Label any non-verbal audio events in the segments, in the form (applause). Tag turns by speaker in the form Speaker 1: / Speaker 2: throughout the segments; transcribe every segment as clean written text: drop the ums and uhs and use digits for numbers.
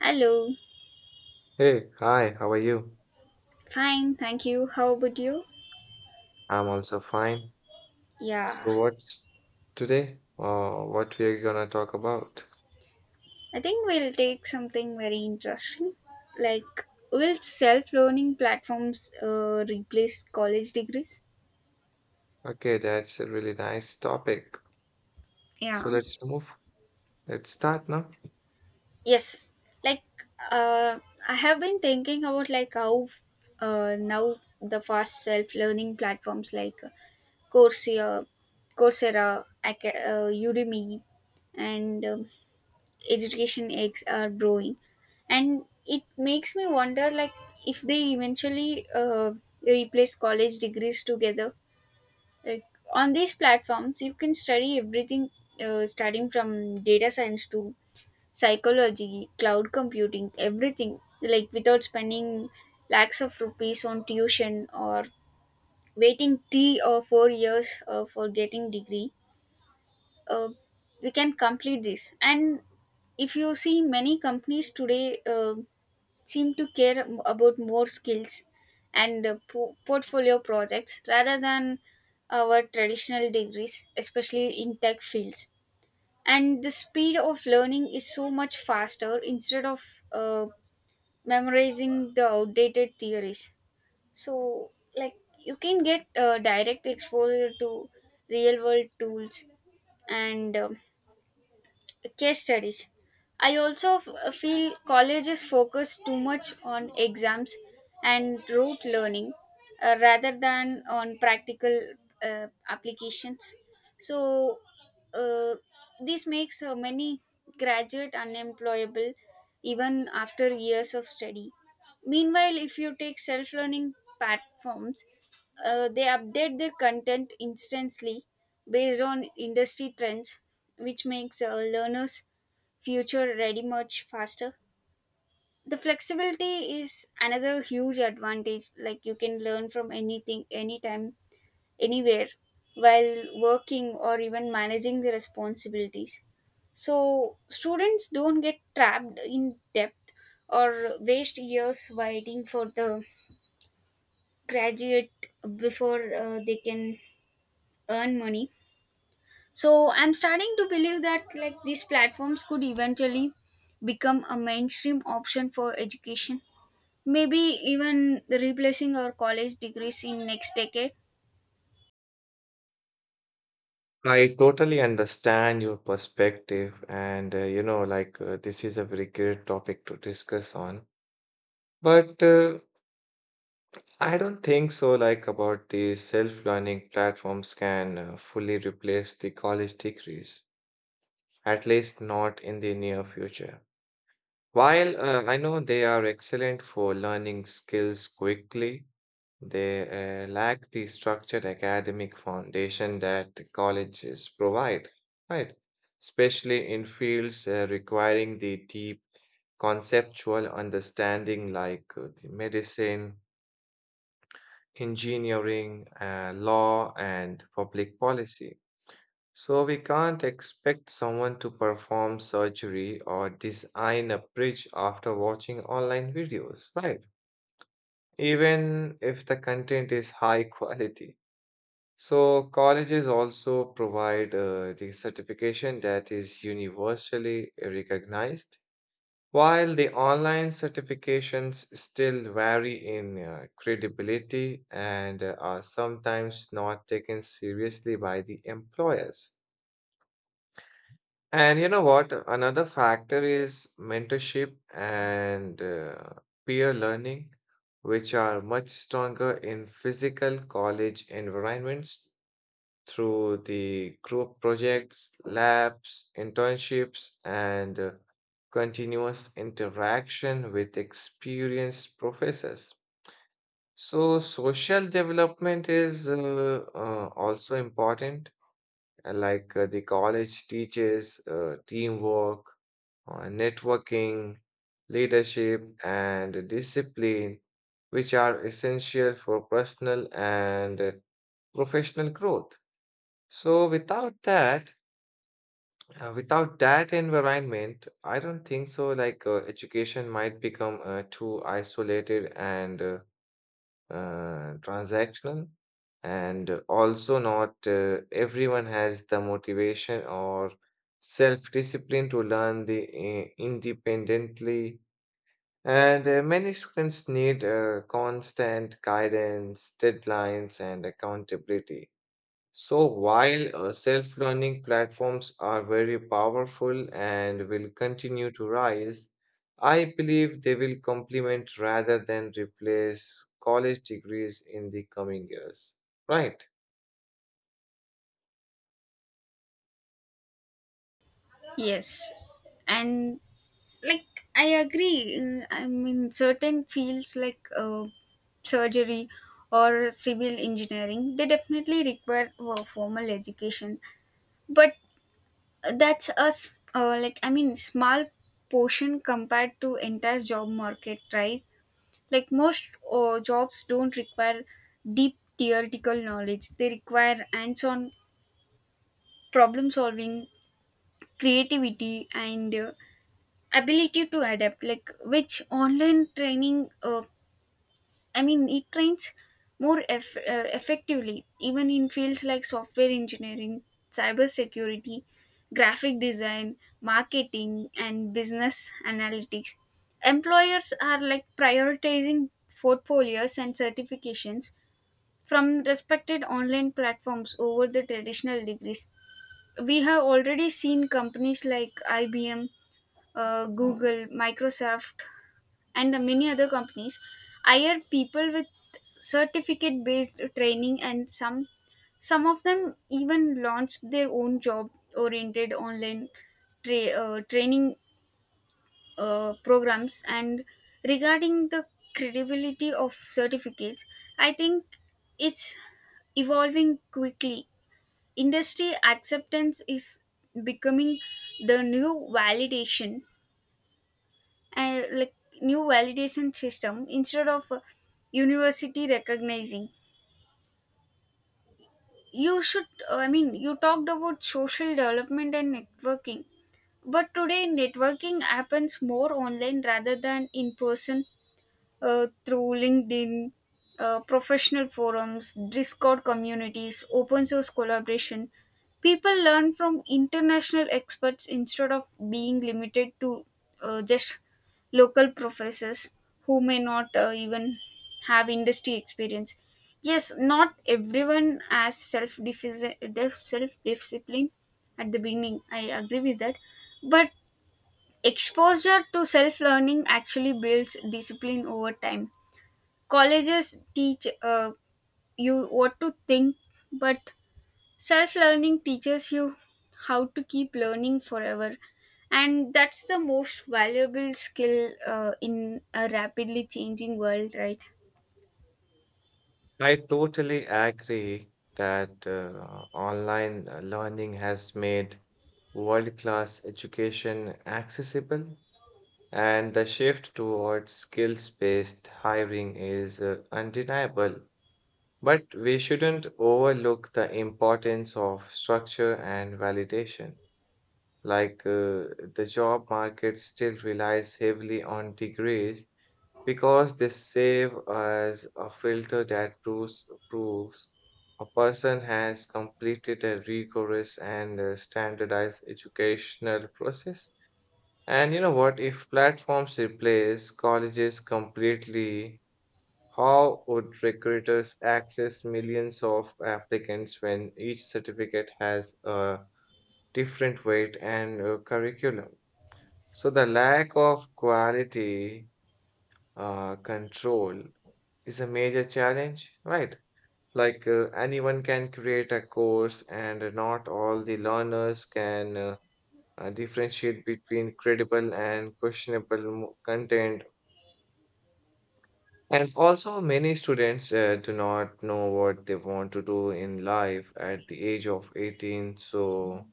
Speaker 1: Hello.
Speaker 2: Hey, hi, how are you?
Speaker 1: Fine, thank you. How about you?
Speaker 2: I'm also fine.
Speaker 1: Yeah.
Speaker 2: So what's today? What we are gonna talk about?
Speaker 1: I think we'll take something very interesting. Like, will self learning platforms replace college degrees?
Speaker 2: Okay, that's a really nice topic. So
Speaker 1: Yeah.
Speaker 2: let's move. Let's start now.
Speaker 1: Yes. Like, uh, I have been thinking about like how now the fast self learning platforms like Coursera, Coursera, Udemy, and education eggs are growing, and it makes me wonder like if they eventually replace college degrees together. Like on these platforms you can study everything, starting from data science to psychology, cloud computing, everything, like without spending lakhs of rupees on tuition or waiting 3 or 4 years for getting degree. uh, we can complete this, and if you see many companies today seem to care about more skills and portfolio projects rather than our traditional degrees, especially in tech fields. And the speed of learning is so much faster instead of uh, memorizing the outdated theories. So, like you can get direct exposure to real world tools and case studies. I also feel colleges focus too much on exams and rote learning, rather than on practical applications. So, uh, this makes many graduate unemployable even after years of study. Meanwhile, if you take self learning platforms, they update their content instantly based on industry trends, which makes learners' future ready much faster. The flexibility is another huge advantage, like you can learn from anything, anytime, anywhere while working or even managing the responsibilities. So, students don't get trapped in depth or waste years waiting for the graduate before they can earn money. So I'm starting to believe that like these platforms could eventually become a mainstream option for education, maybe even replacing our college degrees in next decade.
Speaker 2: I totally understand your perspective, and this is a very great topic to discuss on. But I don't think so. Like about the self-learning platforms can fully replace the college degrees, at least not in the near future. While I know they are excellent for learning skills quickly, they lack the structured academic foundation that the colleges provide, right? Especially in fields requiring the deep conceptual understanding like the medicine, engineering, law, and public policy. So we can't expect someone to perform surgery or design a bridge after watching online videos, right? Even if the content is high (laughs) quality. So colleges also provide the certification that is universally recognized, while the online certifications still vary in credibility and are sometimes not taken seriously by the employers. And you know what? Another factor is mentorship and peer learning, which are much stronger in physical college environments through the group projects, labs, internships, and continuous interaction with experienced professors. So, social development is also important, the college teaches teamwork on networking, leadership, and discipline, which are essential for personal and professional growth. So without that, without that environment, I don't think so. Like education might become too isolated and transactional, and also not everyone has the motivation or self-discipline to learn the independently. And many students need constant guidance, deadlines, and accountability. So, while self learning platforms are very powerful and will continue to rise, I believe they will complement rather than replace college degrees in the coming years. Right.
Speaker 1: Yes. And like I agree. I mean certain fields like surgery or civil engineering, they definitely require formal education, but that's a like I mean small portion compared to entire job market, right? Like most jobs don't require deep theoretical knowledge, they require hands-on problem solving, creativity, and ability to adapt, like which online training I mean, it trains more effectively, even in fields like software engineering, cybersecurity, graphic design, marketing, and business analytics. Employers are like prioritizing portfolios and certifications from respected online platforms over the traditional degrees. We have already seen companies like IBM, Google, Microsoft and the many other companies hire people with certificate based training, and some of them even launch their own job oriented online training programs. And regarding the credibility of certificates, I think it's evolving quickly. Industry acceptance is becoming the new validation, and like new validation system instead of university recognizing. You should I mean, you talked about social development and networking, but today networking happens more online rather than in person, through LinkedIn, professional forums, Discord communities, open source collaboration. People learn from international experts instead of being limited to just local professors who may not even have industry experience. Yes, not everyone has self discipline at the beginning. I agree with that, but exposure to self learning actually builds discipline over time. Colleges teach you what to think, but self learning teaches you how to keep learning forever. And that's the most valuable skill in a rapidly changing world, right?
Speaker 2: I totally agree that online learning has made world class education accessible. And the shift towards skills-based hiring is undeniable. But we shouldn't overlook the importance of structure and validation. Like the job market still relies heavily on degrees because they serve as a filter that proves a person has completed a rigorous and standardized educational process. And you know what? If platforms replace colleges completely, how would recruiters access millions of applicants when each certificate has a different weight and curriculum? So the lack of quality control is a major challenge, right? Like anyone can create a course, and not all the learners can differentiate between credible and questionable content. And also, many students do not know what they want to do in life at the age of 18. So,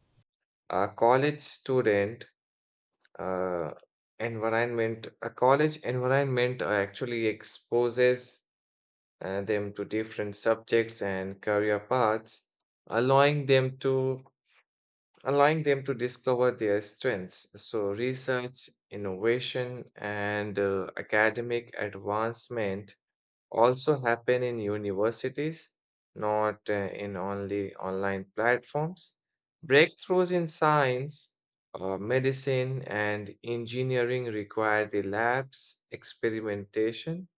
Speaker 2: a college student uh, environment, a college environment actually exposes them to different subjects and career paths, allowing them to allowing them to discover their strengths. So, research, innovation, and academic advancement also happen in universities, not in only online platforms. Breakthroughs in science, medicine, and engineering require the labs, experimentation,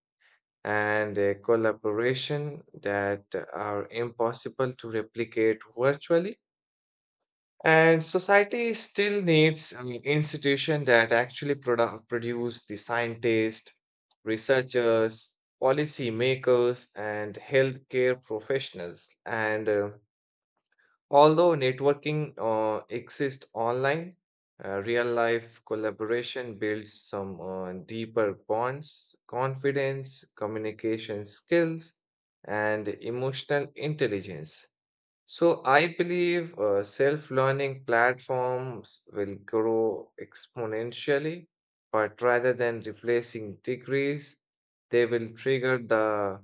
Speaker 2: and collaboration that are impossible to replicate virtually. And society still needs an institution that actually produce the scientists, researchers, policy makers, and healthcare professionals. And although networking exists online, real life collaboration builds some deeper bonds, confidence, communication skills, and emotional intelligence. So I believe self-learning platforms will grow exponentially, but rather than replacing degrees, they will trigger the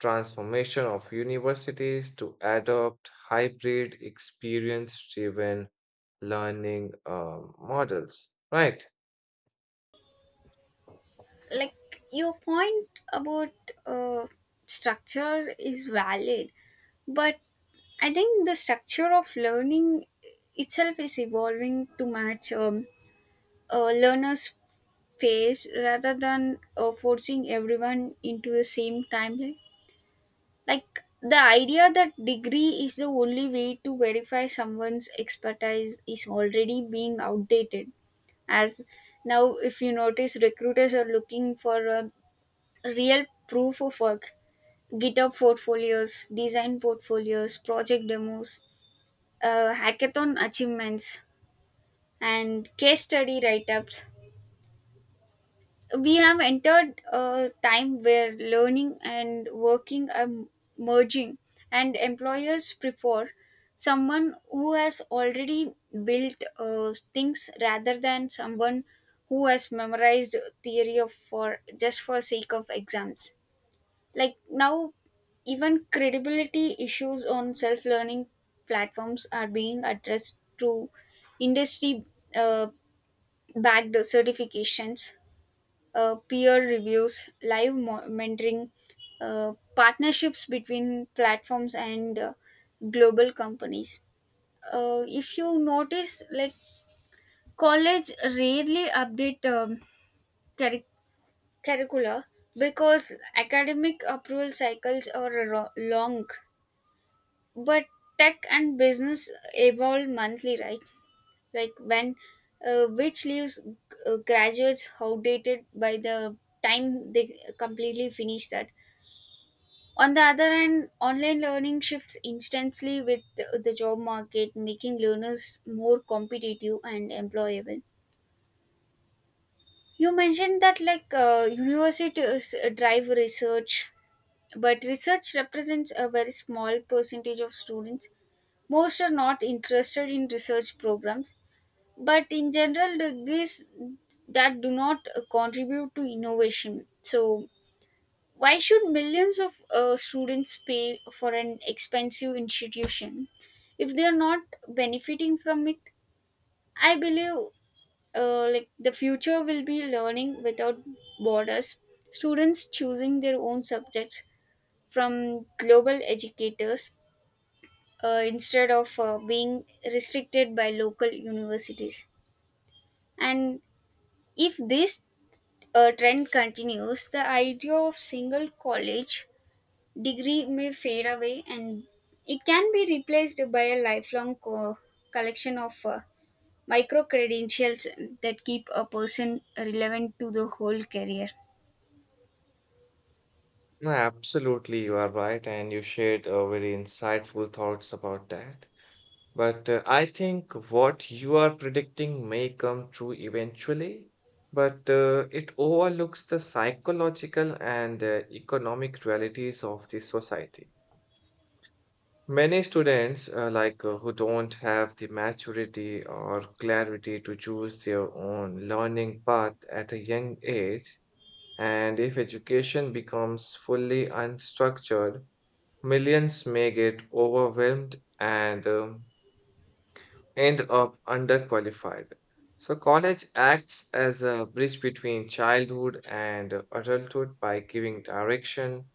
Speaker 2: transformation of universities to adopt hybrid experience-driven learning models. Right?
Speaker 1: Like your point about uh, structure is valid, but I think the structure of learning itself is evolving to match a learner's pace rather than forcing everyone into the same timeline. Like the idea that degree is the only way to verify someone's expertise is already being outdated. As now, if you notice, recruiters are looking for a real proof of work: GitHub portfolios, design portfolios, project demos, hackathon achievements, and case study write ups. We have entered a time where learning and working are merging, and employers prefer someone who has already built things rather than someone who has memorized theory of for just for sake of exams. Like now even credibility issues on self learning platforms are being addressed through industry uh, backed certifications, peer reviews, live mentoring, partnerships between platforms and global companies. If you notice, like college rarely update curri- curricula because academic approval cycles are long, but tech and business evolve monthly, right? Like when which leaves graduates outdated by the time they completely finish that. On the other hand, online learning shifts instantly with the job market, making learners more competitive and employable. You mentioned that like universities drive research, but research represents a very small percentage of students. Most are not interested in research programs, but in general, degrees that do not contribute to innovation. So, why should millions of students pay for an expensive institution if they are not benefiting from it? I believe like the future will be learning without borders, students choosing their own subjects from global educators instead of being restricted by local universities. And if this trend continues, the idea of single college degree may fade away and it can be replaced by a lifelong collection of micro credentials that keep a person relevant to the whole career.
Speaker 2: No, absolutely, you are right, and you shared very insightful thoughts about that. But I think what you are predicting may come true eventually, but it overlooks the psychological and economic realities of the society. Many students who don't have the maturity or clarity to choose their own learning path at a young age, and if education becomes fully unstructured, millions may get overwhelmed and end up underqualified. So, college acts as a bridge between childhood and adulthood by giving direction,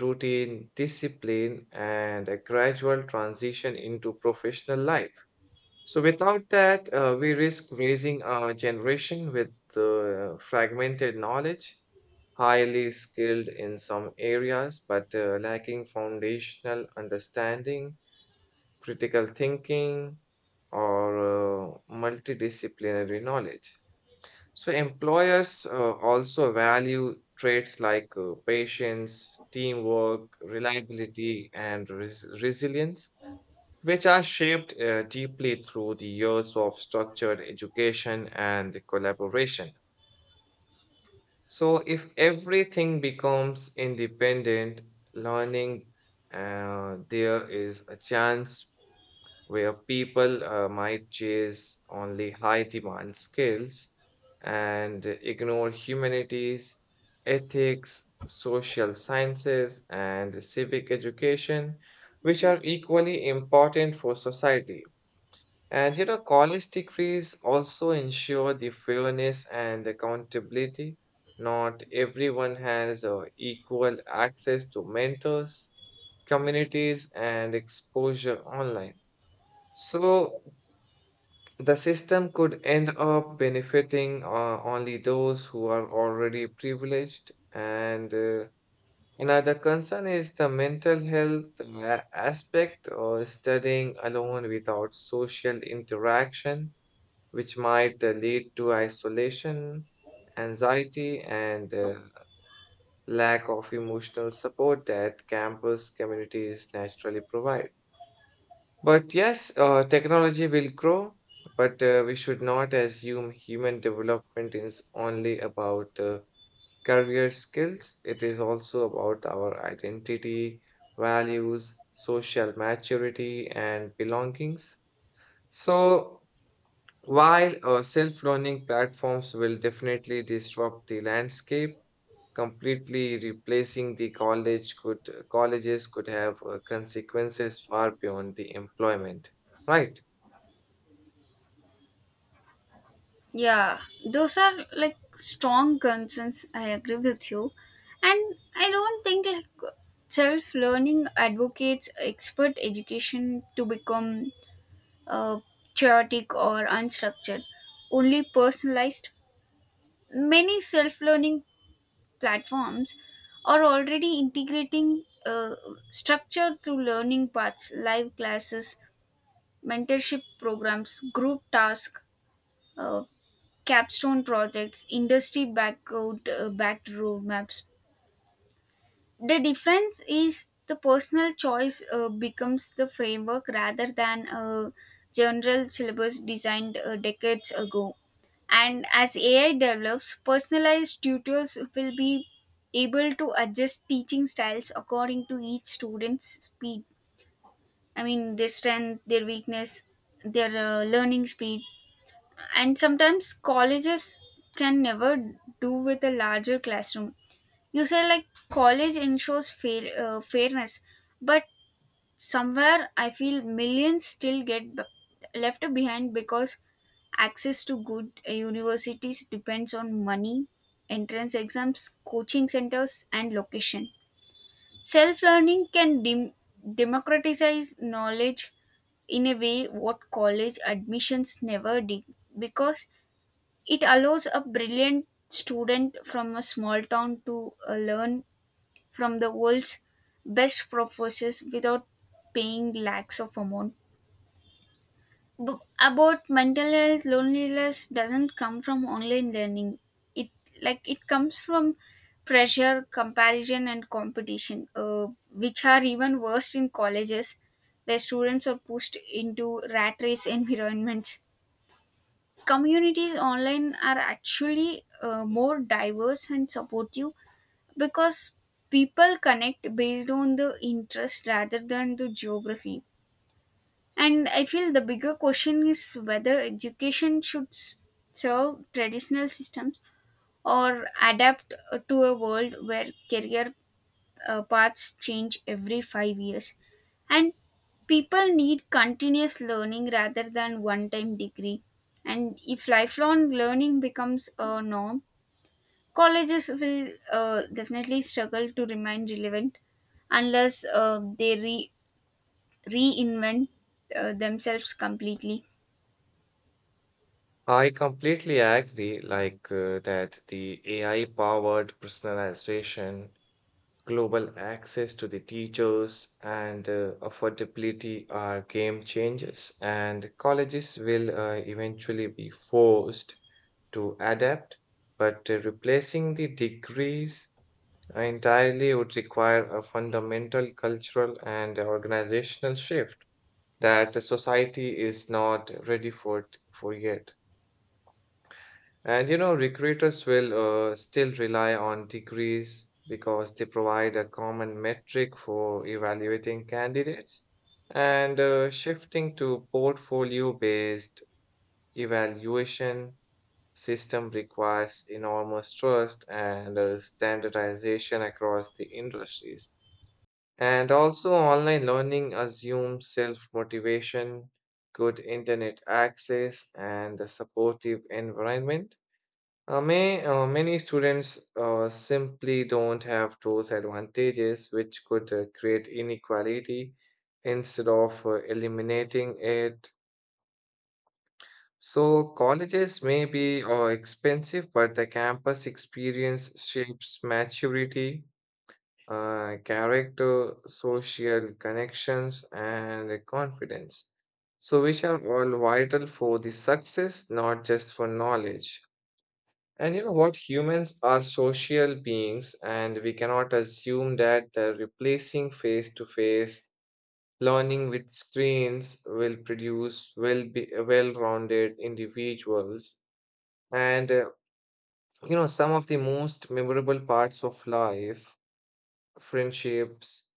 Speaker 2: routine, discipline, and a gradual transition into professional life. So, without that, we risk raising a generation with fragmented knowledge, highly skilled in some areas, but lacking foundational understanding, critical thinking, or multidisciplinary knowledge. So, employers also value traits like patience, teamwork, reliability, and resilience, which are shaped deeply through the years of structured education and collaboration. So, if everything becomes independent learning, there is a chance where people might chase only high demand skills and ignore humanities, ethics, social sciences, and civic education, which are equally important for society. And you know, college degrees also ensure the fairness and accountability. Not everyone has equal access to mentors, communities, and exposure online, so the system could end up benefiting only those who are already privileged. And another concern is the mental health aspect or studying alone without social interaction, which might lead to isolation, anxiety, and lack of emotional support that campus communities naturally provide. But yes, technology will grow, but we should not assume human development is only about career skills. It is also about our identity, values, social maturity, and belongings. So, while self learning platforms will definitely disrupt the landscape, completely replacing the colleges could have consequences far beyond the employment, right?
Speaker 1: Yeah, those are like strong concerns. I agree with you, and I don't think like self learning advocates expert education to become uh, chaotic or unstructured, only personalized. Many self learning platforms are already integrating structure through learning paths, live classes, mentorship programs, group tasks, uh, capstone projects, industry backed roadmaps. The difference is the personal choice becomes the framework rather than a general syllabus designed decades ago. And as AI develops, personalized tutors will be able to adjust teaching styles according to each student's speed. I mean, their strength, their weakness, their learning speed. And sometimes colleges can never do with a larger classroom. You say like college ensures fairness, but somewhere I feel millions still get left behind because access to good universities depends on money, entrance exams, coaching centers, and location. Self learning can democratize knowledge in a way what college admissions never did, because it allows a brilliant student from a small town to learn from the world's best professors without paying lakhs of amount. B- about mental health, loneliness doesn't come from online learning. It like it comes from pressure, comparison, and competition, which are even worse in colleges where students are pushed into rat race (laughs) environments. Communities online are actually more diverse and supportive because people connect based on the interest rather than the geography. And I feel the bigger question is whether education should serve traditional systems or adapt to a world where career paths change every 5 years. And people need continuous learning rather than one time degree. And if lifelong learning becomes a norm, colleges will definitely struggle to remain relevant unless they reinvent themselves completely.
Speaker 2: I completely agree, like that the AI-powered personalization, global access to the teachers, and affordability are game changers, and colleges will eventually be forced to adapt, but replacing the degrees entirely would require a fundamental cultural and organizational shift that the society is not ready for yet. And you know, recruiters will still rely on degrees because they provide a common metric for evaluating candidates. And shifting to portfolio-based evaluation system requires enormous trust and standardization across the industries. And also, online learning assumes self-motivation, good internet access, and a supportive environment. Many students simply don't have those advantages, which could create inequality instead of eliminating it. So, colleges may be expensive, but the campus experience shapes maturity, character, social connections, and confidence. So, which are all vital for the success, not just for knowledge. And you know what? Humans are social beings, and we cannot assume that the replacing face to face learning with screens will produce well rounded individuals. And you know, some of the most memorable parts of life, friendships,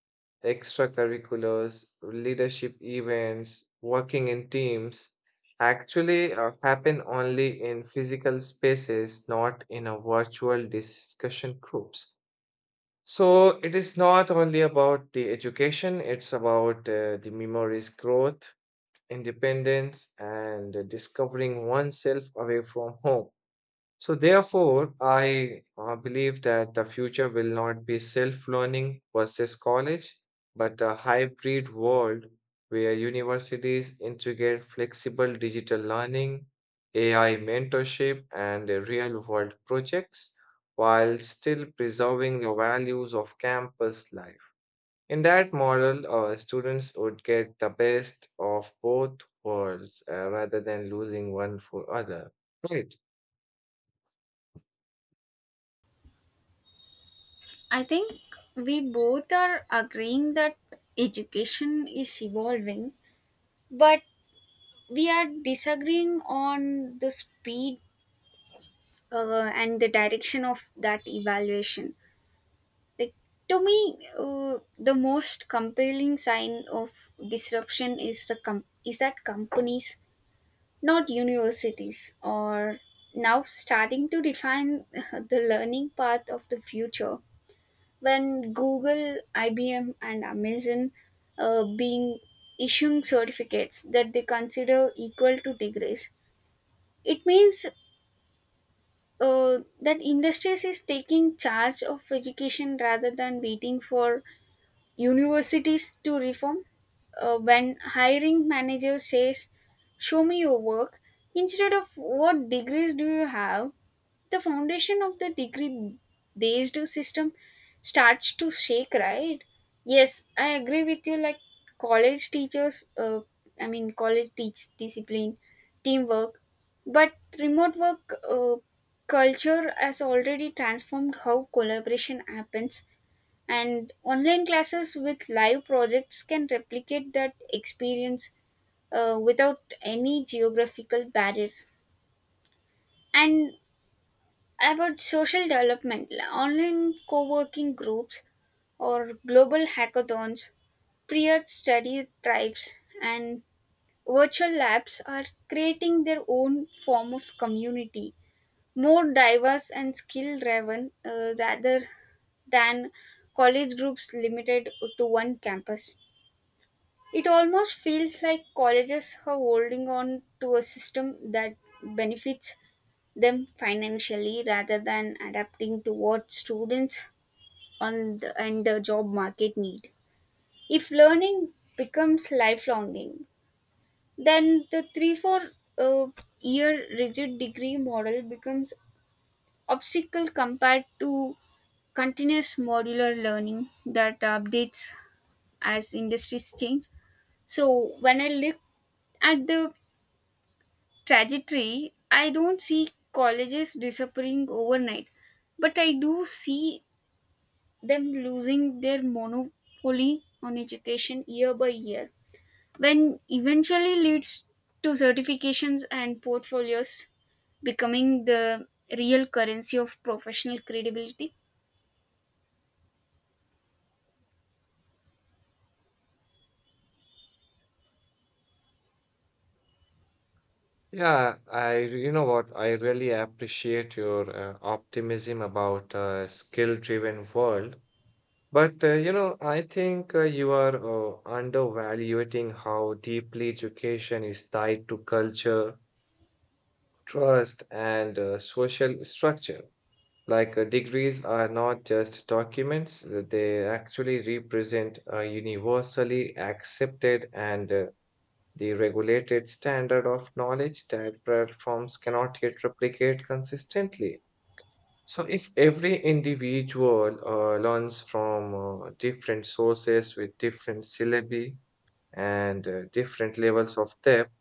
Speaker 2: extracurriculars, leadership events, working in teams, actually happen only in physical spaces, not in a virtual discussion groups. So it is not only about the education, it's about the memories growth, independence, and discovering oneself away from home. So, therefore, I believe that the future will not be self learning versus college, but a hybrid world where universities integrate flexible digital learning, AI mentorship, and real world projects while still preserving the values of campus life. In that model, students would get the best of both worlds rather than losing one for other. Right.
Speaker 1: I think we both are agreeing that education is evolving, but we are disagreeing on the speed and the direction of that evaluation. Like to me, the most compelling sign of disruption is is that companies, not universities, are now starting to define (laughs) the learning path of the future. When Google, IBM and Amazon being issuing certificates that they consider equal to degrees, it means that industries is taking charge of education rather than waiting for universities to reform. When hiring manager says, "Show me your work," instead of "What degrees do you have," the foundation of the degree-based system starts to shake. Right? Yes, I agree with you. Like college teachers, uh, I mean, college teach discipline, teamwork, but remote work. Culture has already transformed how collaboration happens, and online classes with live projects can replicate that experience without any geographical barriers. And about social development, like online co-working groups or global hackathons, peer study tribes, and virtual labs are creating their own form of community, more diverse and skill driven rather than college groups limited to one campus. It almost feels like colleges are holding on to a system that benefits them financially rather than adapting to what students on and the job market need. If learning becomes lifelonging, then the 3 4 uh, year rigid degree model becomes obstacle compared to continuous modular learning that updates as industries change. So when I look at the trajectory, I don't see colleges disappearing overnight, but I do see them losing their monopoly on education year by year, when eventually leads to certifications and portfolios becoming the real currency of professional credibility.
Speaker 2: Yeah, I you know what? I really appreciate your optimism about a skill-driven world. But you know, I think you are undervaluating how deeply education is tied to culture, trust, and social structure. Like degrees are not just documents; they actually represent a universally accepted and the regulated standard of knowledge that platforms cannot yet replicate consistently. So, if every individual learns from different sources with different syllabi and different levels of depth,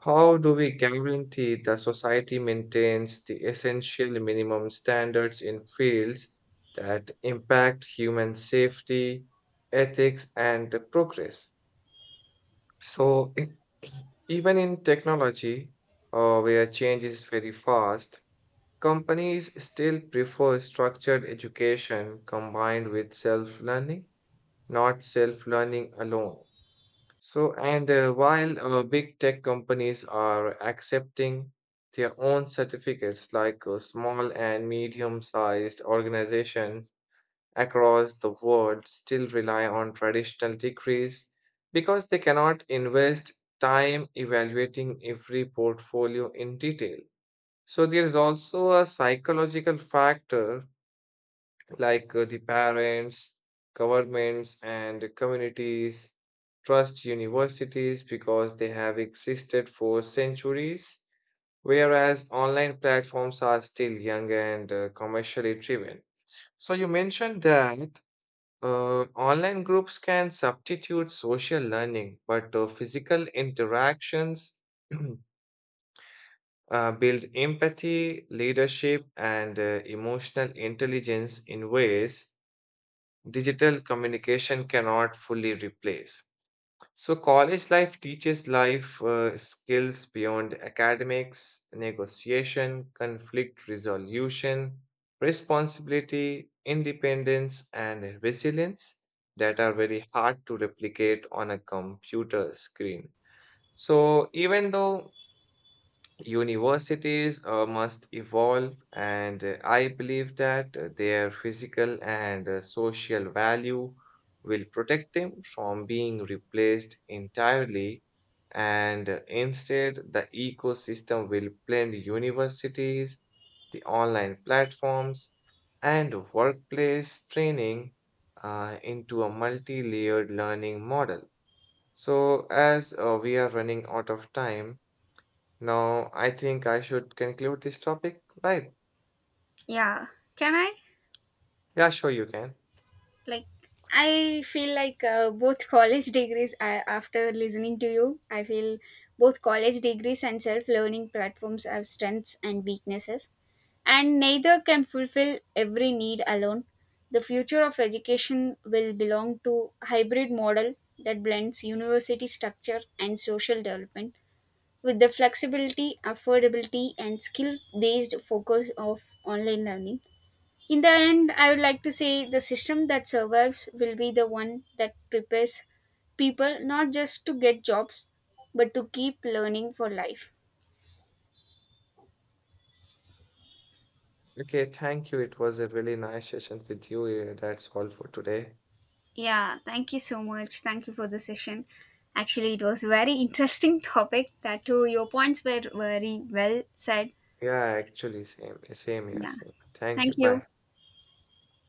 Speaker 2: how do we guarantee the society maintains the essential minimum standards in fields that impact human safety, ethics, and progress? So even in technology, where change is very fast, companies still prefer structured education combined with self-learning, not self-learning alone. So, and while big tech companies are accepting their own certificates, like a small and medium-sized organization across the world still rely on traditional degrees because they cannot invest time evaluating every portfolio in detail. So, there is also a psychological factor like the parents, governments, and communities trust universities because they have existed for centuries, whereas online platforms are still young and commercially driven. So, you mentioned that online groups can substitute social learning, but physical interactions (clears throat) build empathy, leadership, and emotional intelligence in ways digital communication cannot fully replace. So, college life teaches life skills beyond academics, negotiation, conflict resolution, responsibility, independence, and resilience that are very hard to replicate on a computer screen. So, even though universities must evolve, and I believe that their physical and social value will protect them from being replaced entirely. And instead, the ecosystem will blend universities, the online platforms, and workplace training into a multi layered learning model. So, as we are running out of time, now, I think I should conclude this topic, right?
Speaker 1: Yeah, can I?
Speaker 2: Yeah, sure, you can.
Speaker 1: like I feel like both college degrees I, after listening to you I feel both college degrees and self-learning platforms have strengths and weaknesses, and neither can fulfill every need alone. The future of education will belong to hybrid model that blends university structure and social development with the flexibility, affordability and skill based focus of online learning. In the end, I would like to say the system that survives will be the one that prepares people not just to get jobs, but to keep learning for life.
Speaker 2: Okay, thank you. It was a really nice session with you. Yeah, that's all for today.
Speaker 1: Yeah, thank you so much. Thank you for the session. Actually, it was very interesting (laughs) topic. That too, your points were very well said.
Speaker 2: Yeah, actually, same here.
Speaker 1: Yeah,
Speaker 2: Same. Thank
Speaker 1: thank
Speaker 2: you.
Speaker 1: you.
Speaker 2: Bye.